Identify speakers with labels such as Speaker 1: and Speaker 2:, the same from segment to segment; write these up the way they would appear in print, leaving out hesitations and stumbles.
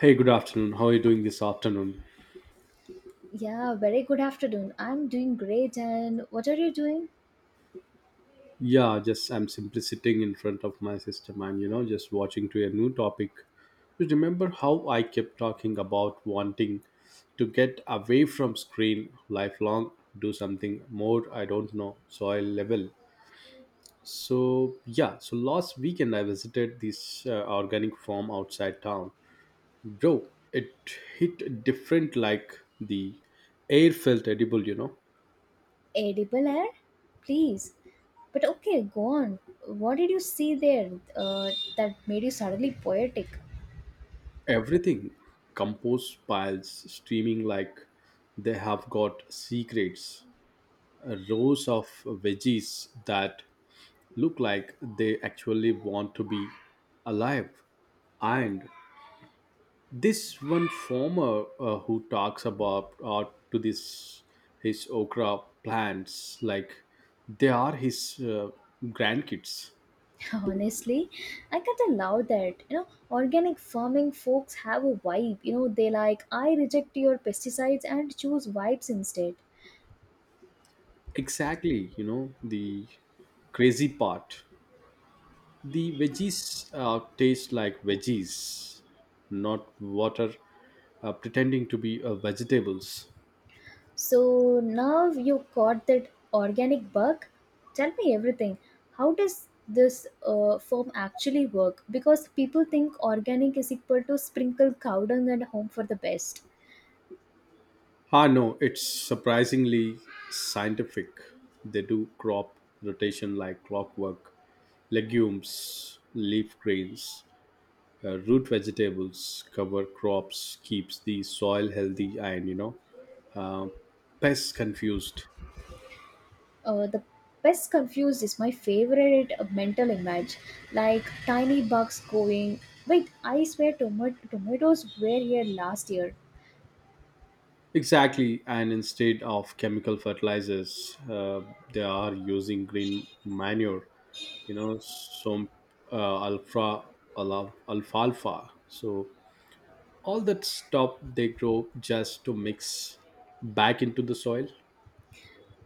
Speaker 1: Hey, good afternoon. How are you doing this afternoon?
Speaker 2: Yeah, very good afternoon. I'm doing great, and what are you doing?
Speaker 1: Yeah, just I'm simply sitting in front of my system and you know just watching to a new topic. You remember how I kept talking about wanting to get away from screen lifelong, do something more. I don't know, soil level. So yeah, so last weekend I visited this organic farm outside town. Bro, it hit different like the air felt edible, you know
Speaker 2: Edible air? Please. But okay, go on. What did you see there uh, that made you suddenly poetic?
Speaker 1: everything compost piles streaming like they have got secrets. Rows of veggies that look like they actually want to be alive. And this one farmer who talks about to this his okra plants like they are his uh, grandkids.
Speaker 2: Honestly, I can't allow that. You know, organic farming folks have a vibe. You know, they like, I reject your pesticides and choose vibes instead.
Speaker 1: Exactly, you know the crazy part. The veggies taste like veggies, not water pretending to be vegetables.
Speaker 2: So now you caught that organic bug. Tell me everything. How does this form actually work? Because people think organic is equal to sprinkle cow dung and home for the best.
Speaker 1: Ah, no, it's surprisingly scientific. They do crop rotation like clockwork. Legumes, leaf grains, root vegetables, cover crops, keeps the soil healthy, and you know, uh, pests confused.
Speaker 2: The best confused is my favorite mental image, like tiny bugs going. Wait, I swear tomatoes were here last year.
Speaker 1: Exactly, and instead of chemical fertilizers, they are using green manure. You know, some uh, alpha alfalfa. So all that stuff they grow just to mix back into the soil.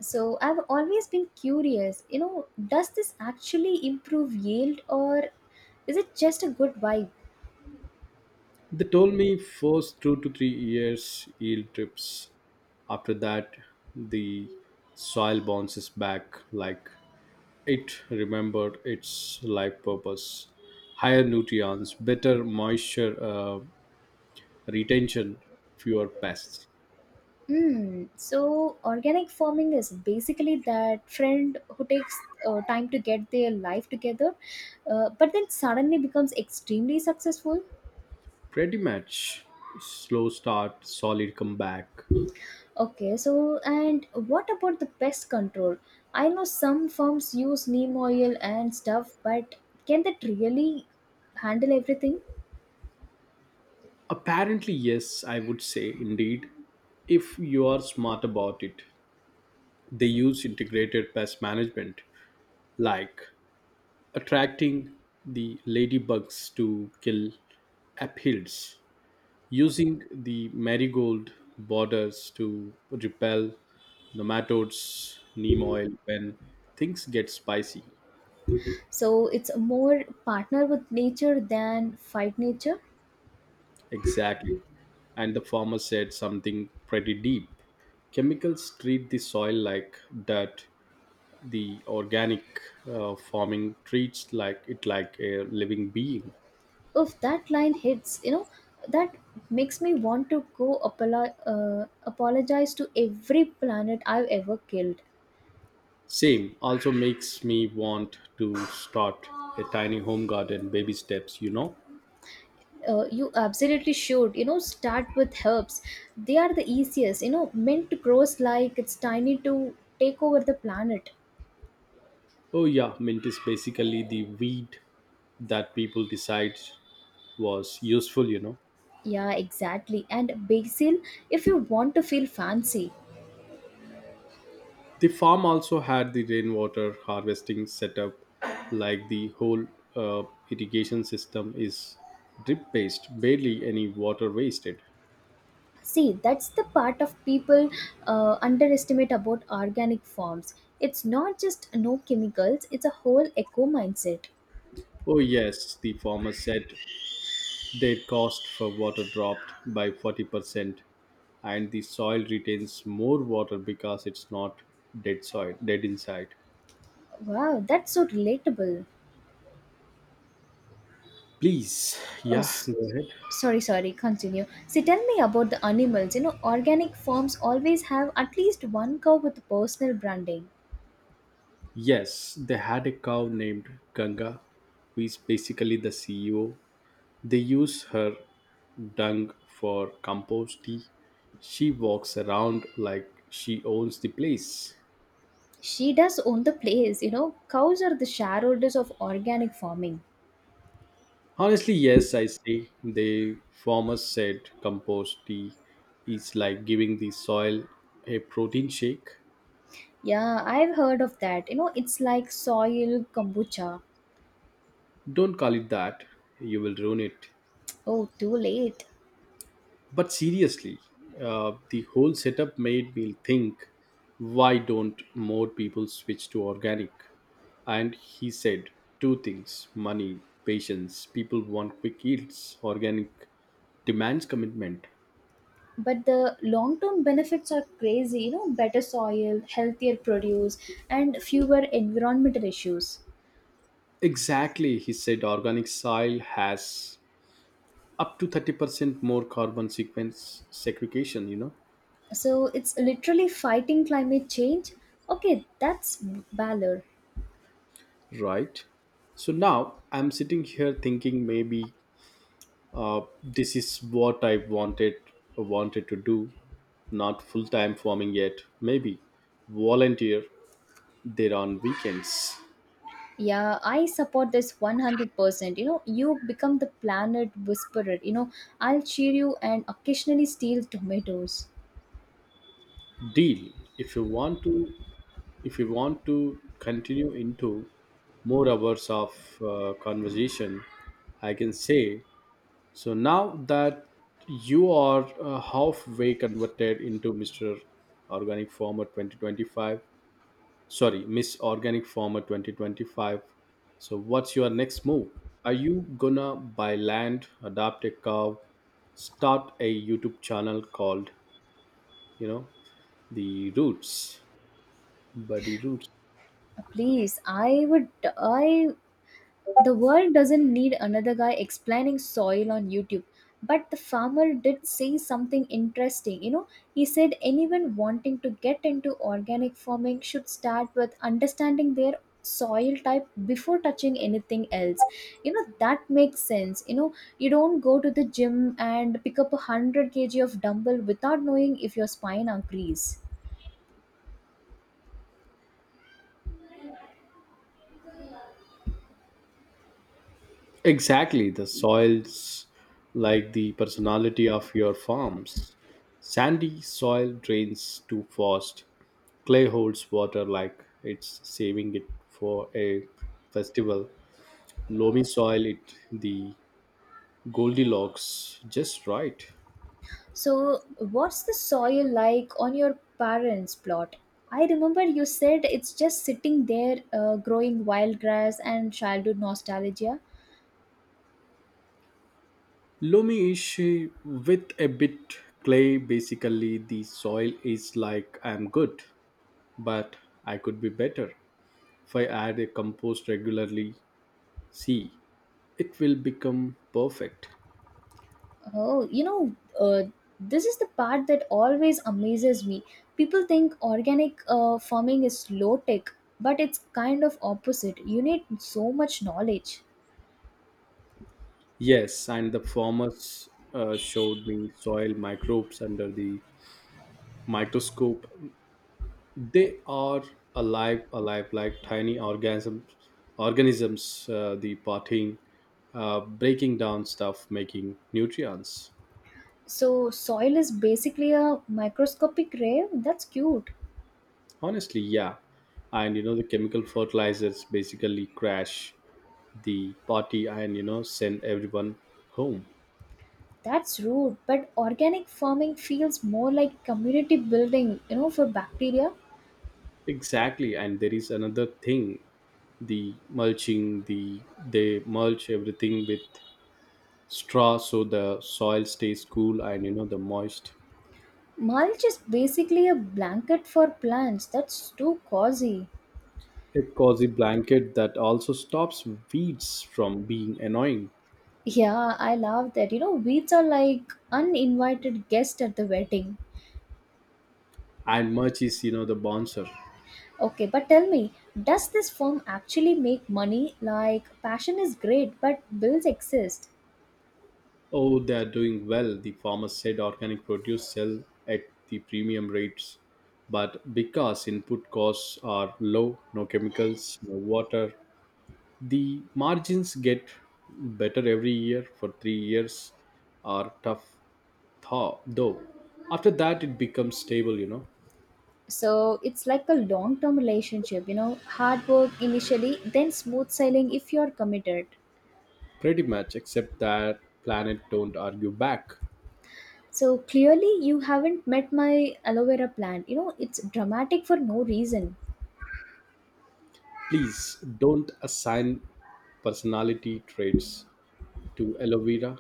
Speaker 2: So I've always been curious. You know, does this actually improve yield or is it just a good vibe?
Speaker 1: They told me first 2 to 3 years yield trips. After that, the soil bounces back like it remembered its life purpose: higher nutrients, better moisture retention, fewer pests.
Speaker 2: Hmm. So organic farming is basically that friend who takes time to get their life together, but then suddenly becomes extremely successful.
Speaker 1: Pretty much slow start, solid comeback.
Speaker 2: Okay, so and what about the pest control? I know some farms use neem oil and stuff, but can that really handle everything?
Speaker 1: Apparently, yes, I would say indeed, if you are smart about it. They use integrated pest management, like attracting the ladybugs to kill aphids, using the marigold borders to repel the nematodes, neem oil when things get spicy.
Speaker 2: So it's more partner with nature than fight nature.
Speaker 1: Exactly. And the farmer said something pretty deep. Chemicals treat the soil like dirt. The organic farming treats like it like a living being.
Speaker 2: If that line hits, you know, that makes me want to go apologize to every planet I've ever killed.
Speaker 1: Same, also makes me want to start a tiny home garden, baby steps, you know.
Speaker 2: You absolutely should, you know, start with herbs. They are the easiest. You know, mint grows like it's tiny to take over the planet.
Speaker 1: Oh yeah, mint is basically the weed that people decide was useful, you know.
Speaker 2: Yeah, exactly, and basil if you want to feel fancy.
Speaker 1: The farm also had the rainwater harvesting setup, like the whole uh, irrigation system is drip based, barely any water wasted.
Speaker 2: See, that's the part of people underestimate about organic farms. It's not just no chemicals, it's a whole eco mindset.
Speaker 1: Oh yes, the farmer said their cost for water dropped by 40%, and the soil retains more water because it's not dead soil, dead inside.
Speaker 2: Wow, that's so relatable.
Speaker 1: Please,
Speaker 2: Oh,
Speaker 1: yeah, go ahead.
Speaker 2: sorry, sorry, continue. So tell me about the animals. You know, organic farms always have at least one cow with personal branding.
Speaker 1: Yes, they had a cow named Ganga, who is basically the CEO. They use her dung for compost tea. She walks around like she owns the place.
Speaker 2: She does own the place, you know. Cows are the shareholders of organic farming.
Speaker 1: Honestly, yes, I say the farmer said compost tea is like giving the soil a protein shake.
Speaker 2: Yeah, I've heard of that. You know, it's like soil kombucha.
Speaker 1: Don't call it that, you will ruin it.
Speaker 2: Oh, too late.
Speaker 1: But seriously, the whole setup made me think, why don't more people switch to organic? And he said two things: money, patience. People want quick yields, organic demands commitment.
Speaker 2: But the long term benefits are crazy, you know, better soil, healthier produce, and fewer environmental issues.
Speaker 1: Exactly, he said organic soil has up to 30% more carbon sequence segregation, you know,
Speaker 2: So it's literally fighting climate change. Okay, that's valor.
Speaker 1: right? So now I'm sitting here thinking maybe this is what I wanted to do. Not full time farming yet. Maybe volunteer there on weekends.
Speaker 2: Yeah, I support this 100%. You know, you become the planet whisperer. You know, I'll cheer you and occasionally steal tomatoes.
Speaker 1: Deal. If you want to, if you want to continue into more hours of conversation, I can say. So now that you are halfway converted into Mr. Organic Farmer 2025, sorry, Miss Organic Farmer 2025. So, what's your next move? Are you gonna buy land, adopt a cow, start a YouTube channel called, you know, the Roots, Buddy Roots?
Speaker 2: Please, I would, I. The world doesn't need another guy explaining soil on YouTube. But the farmer did say something interesting. You know, he said anyone wanting to get into organic farming should start with understanding their soil type before touching anything else. You know, that makes sense. You know, you don't go to the gym and pick up a 100 kg of dumbbell without knowing if your spine agrees.
Speaker 1: Exactly, the soils like the personality of your farms. Sandy soil drains too fast. Clay holds water like it's saving it for a festival. Loamy soil, it the Goldilocks, just right.
Speaker 2: So, what's the soil like on your parents' plot? I remember you said it's just sitting there growing wild grass and childhood nostalgia.
Speaker 1: Loamy ish, with a bit clay. Basically, the soil is like, I'm good, but I could be better. If I add a compost regularly, see, it will become perfect.
Speaker 2: Oh, you know, this is the part that always amazes me. People think organic farming is low tech, but it's kind of opposite. You need so much knowledge.
Speaker 1: Yes, and the farmers showed me soil microbes under the microscope. They are alive like tiny organisms the parting breaking down stuff making nutrients.
Speaker 2: So, soil is basically a microscopic rave? That's cute.
Speaker 1: Honestly, yeah, and you know the chemical fertilizers basically crash the party, and you know send everyone home.
Speaker 2: That's rude, but organic farming feels more like community building, you know, for bacteria.
Speaker 1: Exactly, and there is another thing, the mulching, they mulch everything with straw so the soil stays cool and you know the moist.
Speaker 2: Mulch is basically a blanket for plants. That's too cozy.
Speaker 1: A cozy blanket that also stops weeds from being annoying.
Speaker 2: Yeah, I love that. You know, weeds are like uninvited guests at the wedding.
Speaker 1: And much is, you know, the bouncer.
Speaker 2: Okay, but tell me, does this firm actually make money? Like, passion is great, but bills exist.
Speaker 1: Oh, they are doing well, the farmer said organic produce sell at the premium rates. But because input costs are low, no chemicals, no water, the margins get better every year. For 3 years are tough thaw, though. After that it becomes stable, you know.
Speaker 2: So it's like a long term relationship, you know, hard work initially, then smooth sailing if you're committed.
Speaker 1: Pretty much, except that planet don't argue back.
Speaker 2: So clearly, you haven't met my aloe vera plant. You know, it's dramatic for no reason.
Speaker 1: Please don't assign personality traits to aloe vera.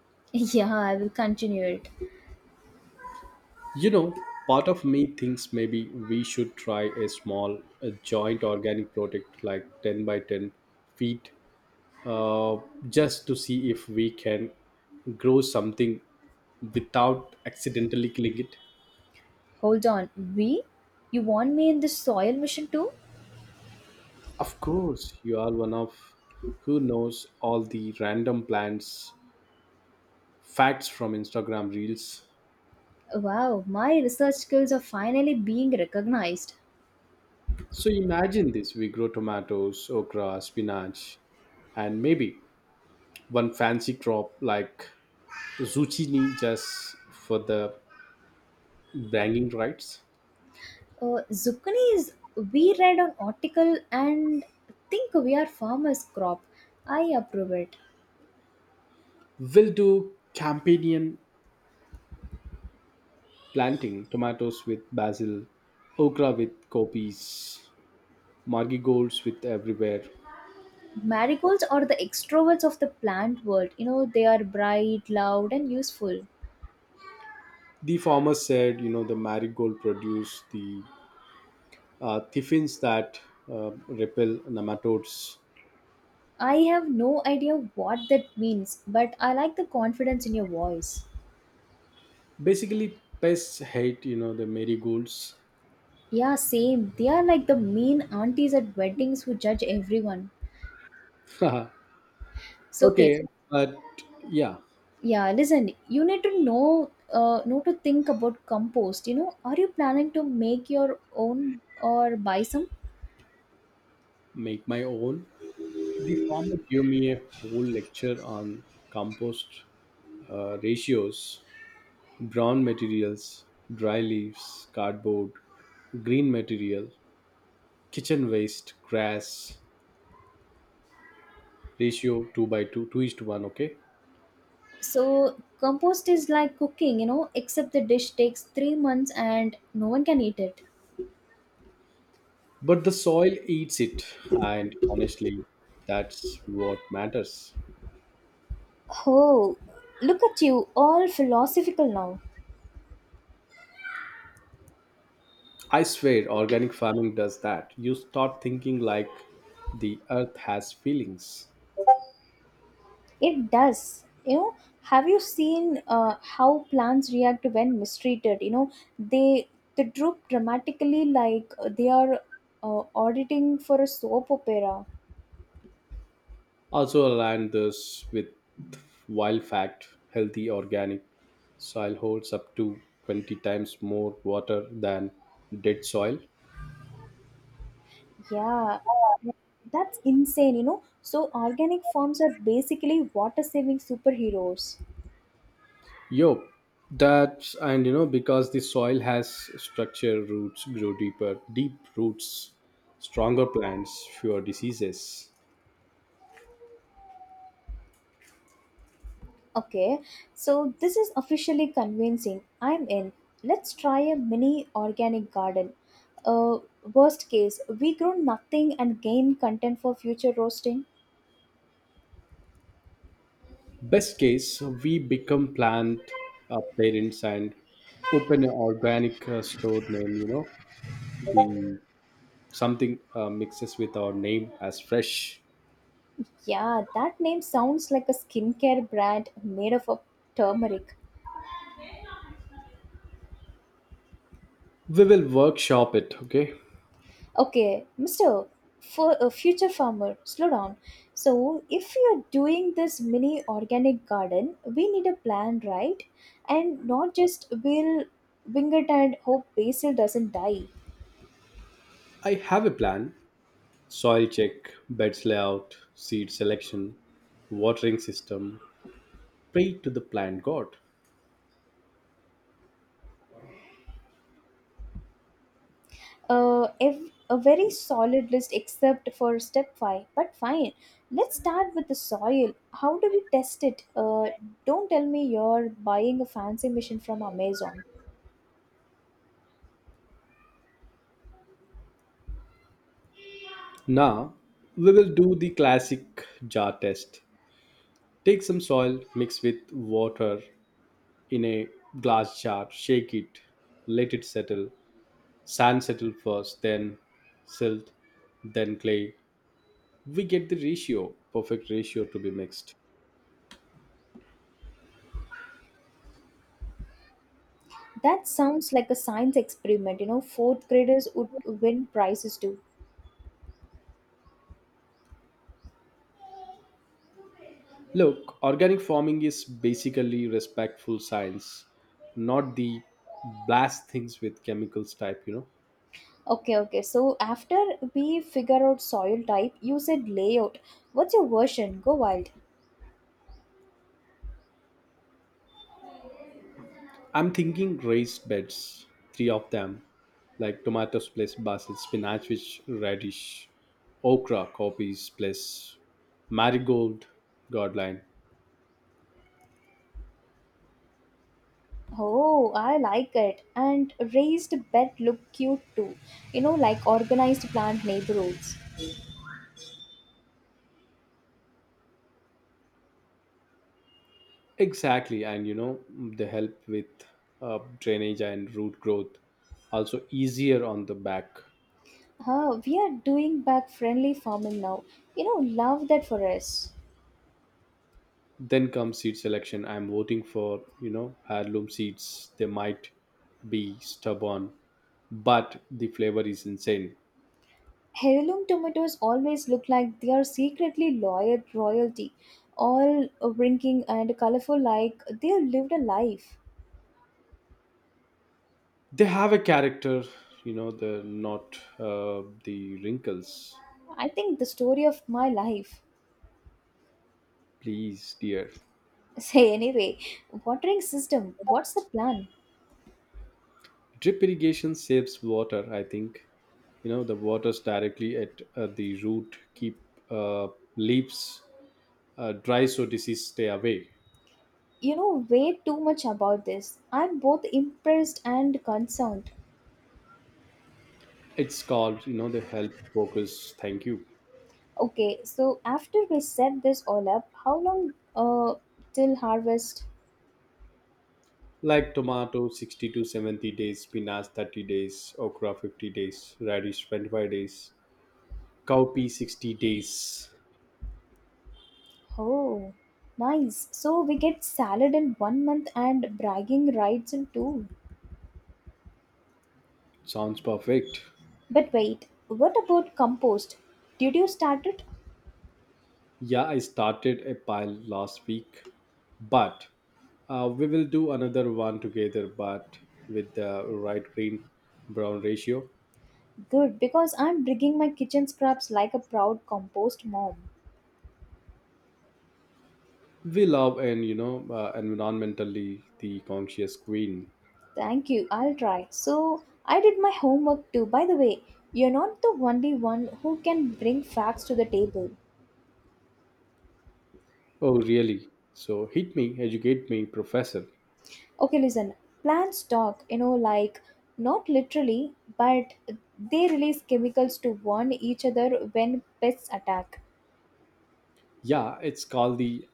Speaker 2: Yeah, I will continue it.
Speaker 1: You know, part of me thinks maybe we should try a small a joint organic product like 10 by 10 feet uh, just to see if we can grow something without accidentally killing it.
Speaker 2: Hold on. We? You want me in this soil mission too?
Speaker 1: Of course, you are one of who knows all the random plants facts from Instagram reels.
Speaker 2: Wow, my research skills are finally being recognized.
Speaker 1: So imagine this, we grow tomatoes, okra, spinach, and maybe one fancy crop like zucchini just for the bragging rights.
Speaker 2: Zucchini is we read on article and think we are farmers crop. I approve it.
Speaker 1: We'll do companion planting, tomatoes with basil, okra with copies, marigolds with everywhere.
Speaker 2: Marigolds are the extroverts of the plant world. You know, they are bright, loud, and useful.
Speaker 1: The farmer said, you know, the marigold produce the thiffins that repel nematodes.
Speaker 2: I have no idea what that means, but I like the confidence in your voice.
Speaker 1: Basically, pests hate, you know, the marigolds.
Speaker 2: Yeah, same. They are like the mean aunties at weddings who judge everyone.
Speaker 1: Haha.
Speaker 2: So okay,
Speaker 1: Okay, but yeah,
Speaker 2: yeah, listen, you need to know to think about compost, you know. Are you planning to make your own or buy some?
Speaker 1: make my own. The farmer gave me a whole lecture on compost ratios, brown materials, dry leaves, cardboard, green material, kitchen waste, grass, ratio 2 by 2, 2 is to 1, okay?
Speaker 2: So compost is like cooking, you know, except the dish takes 3 months and no one can eat it.
Speaker 1: But the soil eats it, and honestly, that's what matters.
Speaker 2: Oh, look at you, all philosophical now.
Speaker 1: I swear, organic farming does that. You start thinking like the earth has feelings.
Speaker 2: It does. You know, have you seen how plants react when mistreated? You know, they they droop dramatically like they are auditing for a soap opera.
Speaker 1: Also align this with wild fact: healthy organic soil holds up to 20 times more water than dead soil.
Speaker 2: Yeah, that's insane. You know, so organic farms are basically water saving superheroes.
Speaker 1: Yo, that's, and you know because the soil has structure, roots grow deeper, deep roots, stronger plants, fewer diseases.
Speaker 2: Okay, so this is officially convincing. I'm in. Let's try a mini organic garden. Uh, Worst case, we grow nothing and gain content for future roasting.
Speaker 1: Best case, we become plant parents and open an organic store name. You know, the something mixes with our name as fresh.
Speaker 2: Yeah, that name sounds like a skincare brand made of a turmeric.
Speaker 1: We will workshop it, okay?
Speaker 2: Okay, Mr. For a future farmer, slow down. So, if you're doing this mini organic garden, we need a plan, right? And not just we'll wing it and hope basil doesn't die.
Speaker 1: I have a plan: soil check, beds layout, seed selection, watering system. Pray to the plant god.
Speaker 2: A very solid list except for step 5, but fine. Let's start with the soil. How do we test it? Don't tell me you're buying a fancy machine from Amazon.
Speaker 1: Now, we will do the classic jar test. Take some soil, mix with water in a glass jar, shake it, let it settle. Sand settle first, then silt, then clay. We get the ratio, perfect ratio to be mixed.
Speaker 2: That sounds like a science experiment, you know, fourth graders would win prizes too.
Speaker 1: Look, organic farming is basically respectful science, not the blast things with chemicals type, you know.
Speaker 2: Okay, okay, so after we figure out soil type, you said layout. What's your version? Go wild.
Speaker 1: I'm thinking raised beds, three of them, like tomatoes plus basil, spinach which radish, okra, copies plus marigold, godline.
Speaker 2: Oh, I like it, and raised bed look cute too, you know, like organized plant neighborhoods.
Speaker 1: Exactly, and you know, they help with drainage and root growth, also easier on the back.
Speaker 2: Huh, we are doing back friendly farming now. You know, love that for us.
Speaker 1: Then comes seed selection. I'm voting for, you know, heirloom seeds. They might be stubborn but the flavor is insane.
Speaker 2: Heirloom tomatoes always look like they are secretly loyal royalty, all wrinkling and colorful like they have lived a life.
Speaker 1: They have a character, you know. They're not the wrinkles,
Speaker 2: I think the story of my life.
Speaker 1: please dear.
Speaker 2: Say anyway, watering system, what's the plan?
Speaker 1: Drip irrigation saves water, I think. You know, the waters directly at the root, keep uh, leaves dry so disease stay away.
Speaker 2: You know way too much about this. I'm both impressed and concerned.
Speaker 1: It's called, you know, the help focus, thank you.
Speaker 2: Okay, so after we set this all up, how long till harvest?
Speaker 1: Like tomato 60 to 70 days, spinach 30 days, okra 50 days, radish 25 days, cowpea 60 days.
Speaker 2: Oh, nice. So we get salad in 1 month and bragging rights in two.
Speaker 1: Sounds perfect.
Speaker 2: But wait, what about compost? Did you start it?
Speaker 1: Yeah, I started a pile last week, but we will do another one together, but with the right green brown ratio.
Speaker 2: Good, because I'm digging my kitchen scraps like a proud compost mom.
Speaker 1: We love, and you know, environmentally the conscious queen.
Speaker 2: Thank you, I'll try. So I did my homework too. By the way, you're not the only one who can bring facts to the table.
Speaker 1: Oh, really? So hit me, educate me, professor.
Speaker 2: Okay, listen. Plants talk, you know, like not literally, but they release chemicals to warn each other when pests attack.
Speaker 1: Yeah, it's called the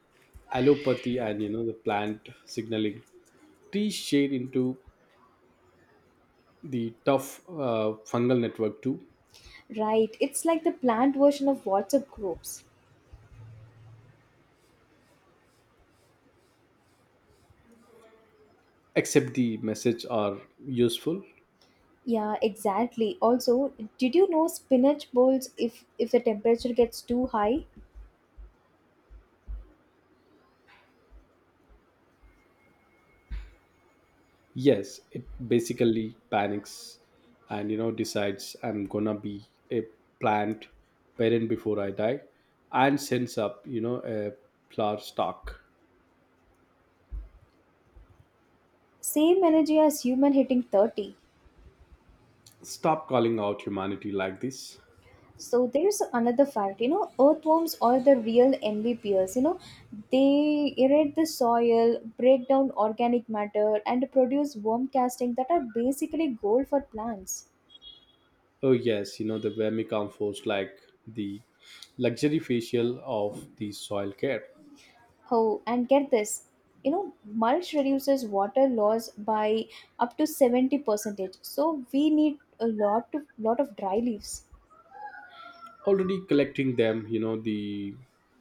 Speaker 1: allopathy and you know the plant signaling. Trees shade into the tough fungal network too,
Speaker 2: Right, it's like the plant version of WhatsApp groups.
Speaker 1: except the message are useful.
Speaker 2: Yeah, exactly. Also, did you know spinach bowls if the temperature gets too high?
Speaker 1: Yes, it basically panics, and you know decides I'm gonna be a plant parent before I die, and sends up, you know, a flower stalk.
Speaker 2: Same energy as human hitting 30.
Speaker 1: Stop calling out humanity like this.
Speaker 2: So there's another fact, you know, earthworms are the real MVPs. You know, they irrigate the soil, break down organic matter, and produce worm casting that are basically gold for plants.
Speaker 1: Oh yes, you know the vermicompost like the luxury facial of the soil care.
Speaker 2: Oh, and get this, you know, mulch reduces water loss by up to 70 percentage. So we need a lot of dry leaves.
Speaker 1: Already collecting them, you know the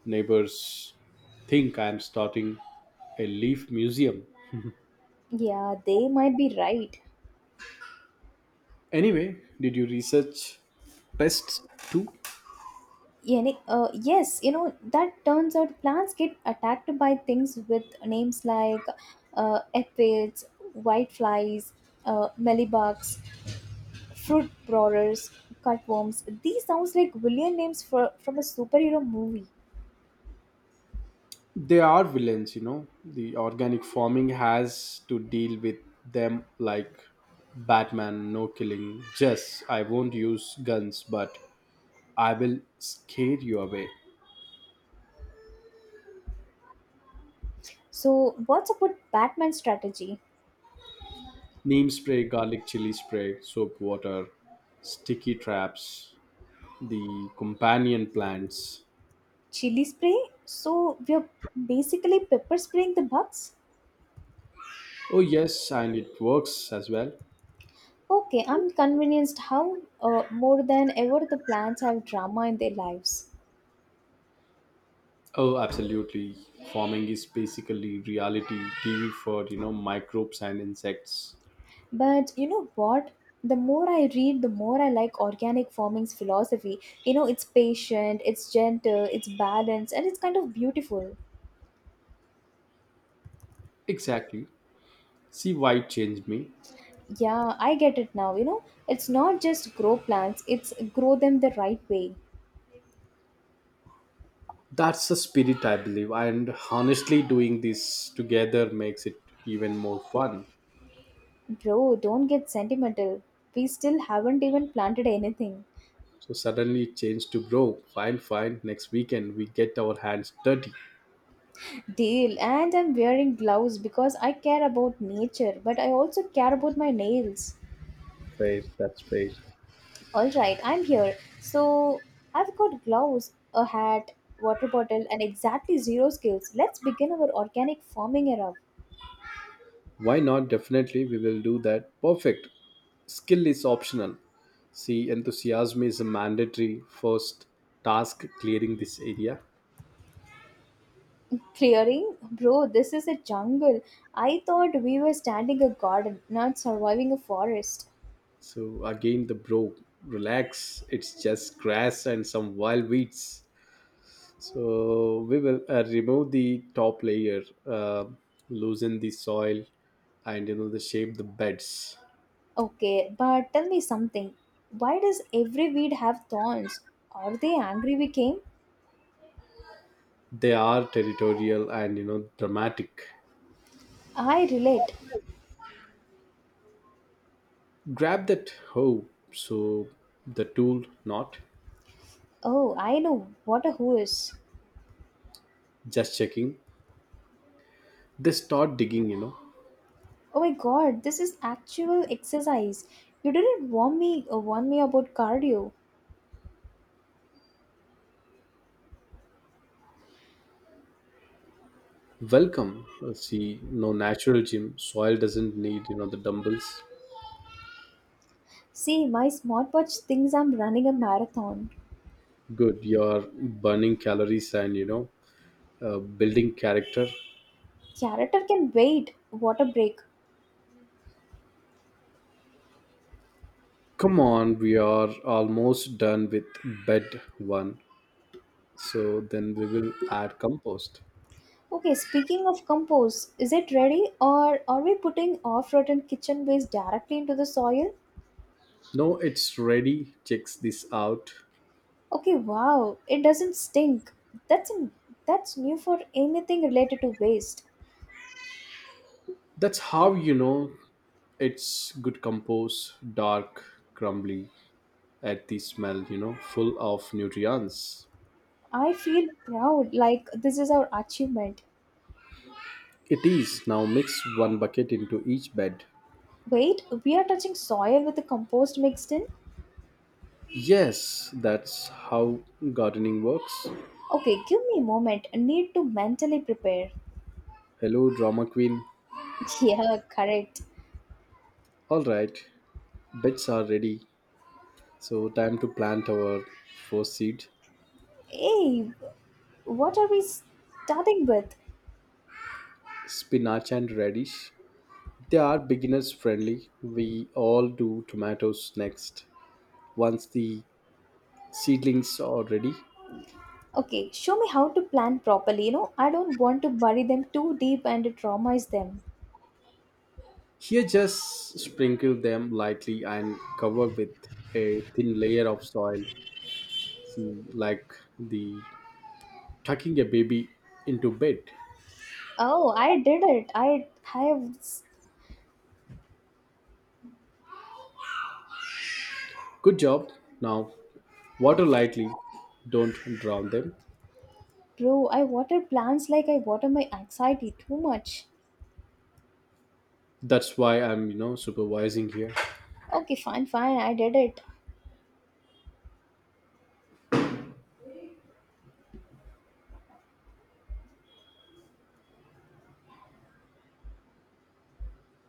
Speaker 1: neighbors think I'm starting a leaf museum.
Speaker 2: Yeah, they might be right.
Speaker 1: Anyway, did you research pests too?
Speaker 2: Yeah, yes, you know, that turns out plants get attacked by things with names like aphids, whiteflies, mealybugs, fruit borers, cutworms. These sounds like villain names for, from a superhero movie.
Speaker 1: They are villains, you know. The organic farming has to deal with them like Batman, no killing. Just, I won't use guns, but I will scare you away.
Speaker 2: So, what's a good Batman strategy?
Speaker 1: Neem spray, garlic chili spray, soap water, sticky traps, the companion plants.
Speaker 2: Chili spray? So, we're basically pepper spraying the bugs?
Speaker 1: Oh, yes, and it works as well.
Speaker 2: Okay, I'm convinced how more than ever the plants have drama in their lives.
Speaker 1: Oh, absolutely. Farming is basically reality TV for, you know, microbes and insects.
Speaker 2: But you know what? The more I read, the more I like organic farming's philosophy. You know, it's patient, it's gentle, it's balanced, and it's kind of beautiful.
Speaker 1: Exactly. See why it changed me.
Speaker 2: Yeah, I get it now. You know, it's not just grow plants, it's grow them the right way.
Speaker 1: That's the spirit, I believe. And honestly, doing this together makes it even more fun.
Speaker 2: Bro, don't get sentimental. We still haven't even planted anything.
Speaker 1: So suddenly it changed to bro. Fine, fine. Next weekend we get our hands dirty.
Speaker 2: Deal. And I'm wearing gloves because I care about nature, but I also care about my nails.
Speaker 1: Fair, that's fair.
Speaker 2: All right, I'm here. So I've got gloves, a hat, water bottle, and exactly zero skills. Let's begin our organic farming era.
Speaker 1: Why not? Definitely, we will do that. Perfect. Skill is optional. See, enthusiasm is a mandatory first task, clearing this area.
Speaker 2: Clearing? Bro, this is a jungle. I thought we were standing a garden, not surviving a forest.
Speaker 1: So, again, the bro, relax. It's just grass and some wild weeds. So, we will remove the top layer, loosen the soil, and you know, the shape the beds.
Speaker 2: Okay, but tell me something. Why does every weed have thorns? Are they angry we came?
Speaker 1: They are territorial, and you know, dramatic.
Speaker 2: I relate.
Speaker 1: Grab that hoe, so the tool, not,
Speaker 2: Oh, I know what a who is.
Speaker 1: just checking. They start digging, you know.
Speaker 2: Oh my god, this is actual exercise. You didn't warn me or warn me about cardio.
Speaker 1: Welcome. See, no, natural gym, soil doesn't need, you know, the dumbbells.
Speaker 2: See, my smartwatch thinks I'm running a marathon.
Speaker 1: Good, you're burning calories and you know building character.
Speaker 2: Character can wait. What a break.
Speaker 1: Come on, we are almost done with bed one. So then we will add compost.
Speaker 2: Okay, speaking of compost, is it ready or are we putting off-rotten kitchen waste directly into the soil?
Speaker 1: No, it's ready, checks this out.
Speaker 2: Okay, wow, it doesn't stink. That's that's new for anything related to waste.
Speaker 1: That's how you know it's good compost, dark, crumbly at the smell, you know, full of nutrients.
Speaker 2: I feel proud like this is our achievement.
Speaker 1: It is. Now mix one bucket into each bed.
Speaker 2: Wait, we are touching soil with the compost mixed in?
Speaker 1: Yes, that's how gardening works.
Speaker 2: Okay, give me a moment. I need to mentally prepare.
Speaker 1: Hello, drama queen.
Speaker 2: Yeah, correct.
Speaker 1: All right, beds are ready. So, time to plant our first seed,
Speaker 2: Hey, what are we starting with?
Speaker 1: spinach and radish. They are beginners friendly. We all do tomatoes next. Once the seedlings are ready.
Speaker 2: Okay, show me how to plan properly. You know, I don't want to bury them too deep and traumatize them.
Speaker 1: Here, just sprinkle them lightly and cover with a thin layer of soil. See, like the tucking a baby into bed.
Speaker 2: Oh, I did it. I have,
Speaker 1: Good job. Now, water lightly, don't drown them.
Speaker 2: bro, I water plants like I water my anxiety too much.
Speaker 1: That's why I'm, you know, supervising here.
Speaker 2: Okay, fine, fine, I did it.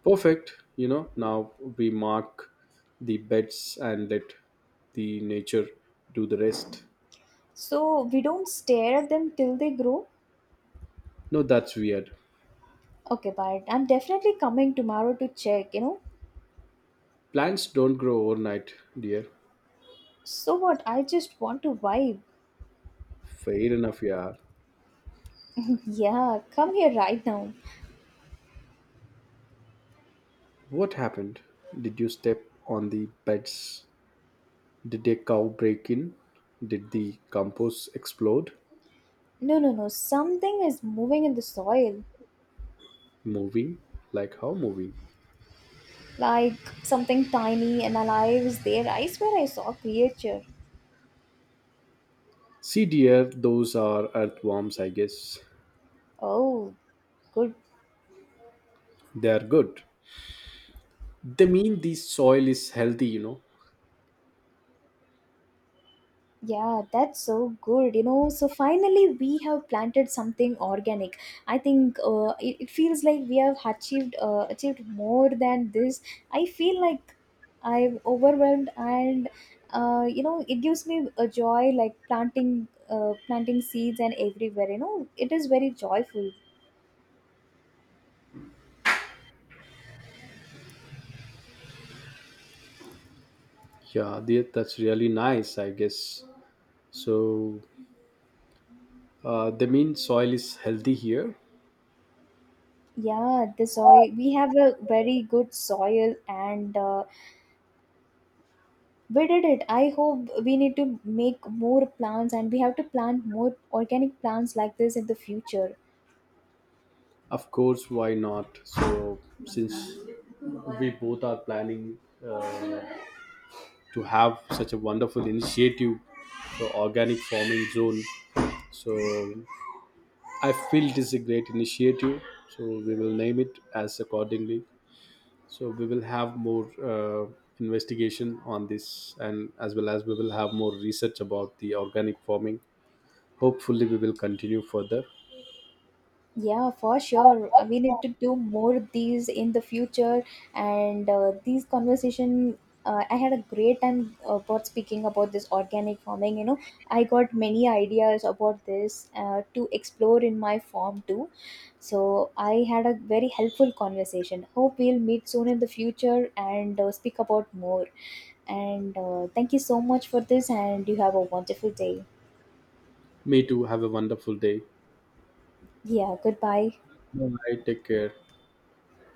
Speaker 1: Perfect. You know, now we mark the beds and let the nature do the rest.
Speaker 2: So we don't stare at them till they grow?
Speaker 1: No, that's weird.
Speaker 2: Okay, but I'm definitely coming tomorrow to check, you know.
Speaker 1: Plants don't grow overnight, dear.
Speaker 2: So what? I just want to vibe.
Speaker 1: Fair enough, yeah.
Speaker 2: Yeah, come here right now.
Speaker 1: What happened? Did you step on the pets? Did a cow break in? Did the compost explode?
Speaker 2: No, no, no. Something is moving in the soil.
Speaker 1: Moving? Like how moving?
Speaker 2: Like something tiny and alive is there. I swear I saw a creature.
Speaker 1: See, dear, those are earthworms, I guess.
Speaker 2: Oh, good.
Speaker 1: They are good. They mean the soil is healthy, you know.
Speaker 2: Yeah, that's so good. You know, so finally we have planted something organic. I think it feels like we have achieved more than this. I feel like I'm overwhelmed, and you know, it gives me a joy like planting seeds and everywhere. You know, it is very joyful.
Speaker 1: Yeah, dear, that's really nice, I guess. So, they mean soil is healthy here?
Speaker 2: Yeah, the soil. We have a very good soil, and we did it. I hope we need to make more plants, and we have to plant more organic plants like this in the future.
Speaker 1: Of course, why not? So, since we both are planning uh, to have such a wonderful initiative for organic farming zone. So I feel it is a great initiative. So we will name it as accordingly. So we will have more investigation on this, and as well as we will have more research about the organic farming. Hopefully, we will continue further.
Speaker 2: Yeah, for sure. We need to do more of these in the future, and these conversation, I had a great time about speaking about this organic farming, you know, I got many ideas about this to explore in my farm too. So I had a very helpful conversation. Hope we'll meet soon in the future and speak about more. And thank you so much for this, and you have a wonderful day.
Speaker 1: Me too. Have a wonderful day.
Speaker 2: Yeah, goodbye.
Speaker 1: Bye. Take care.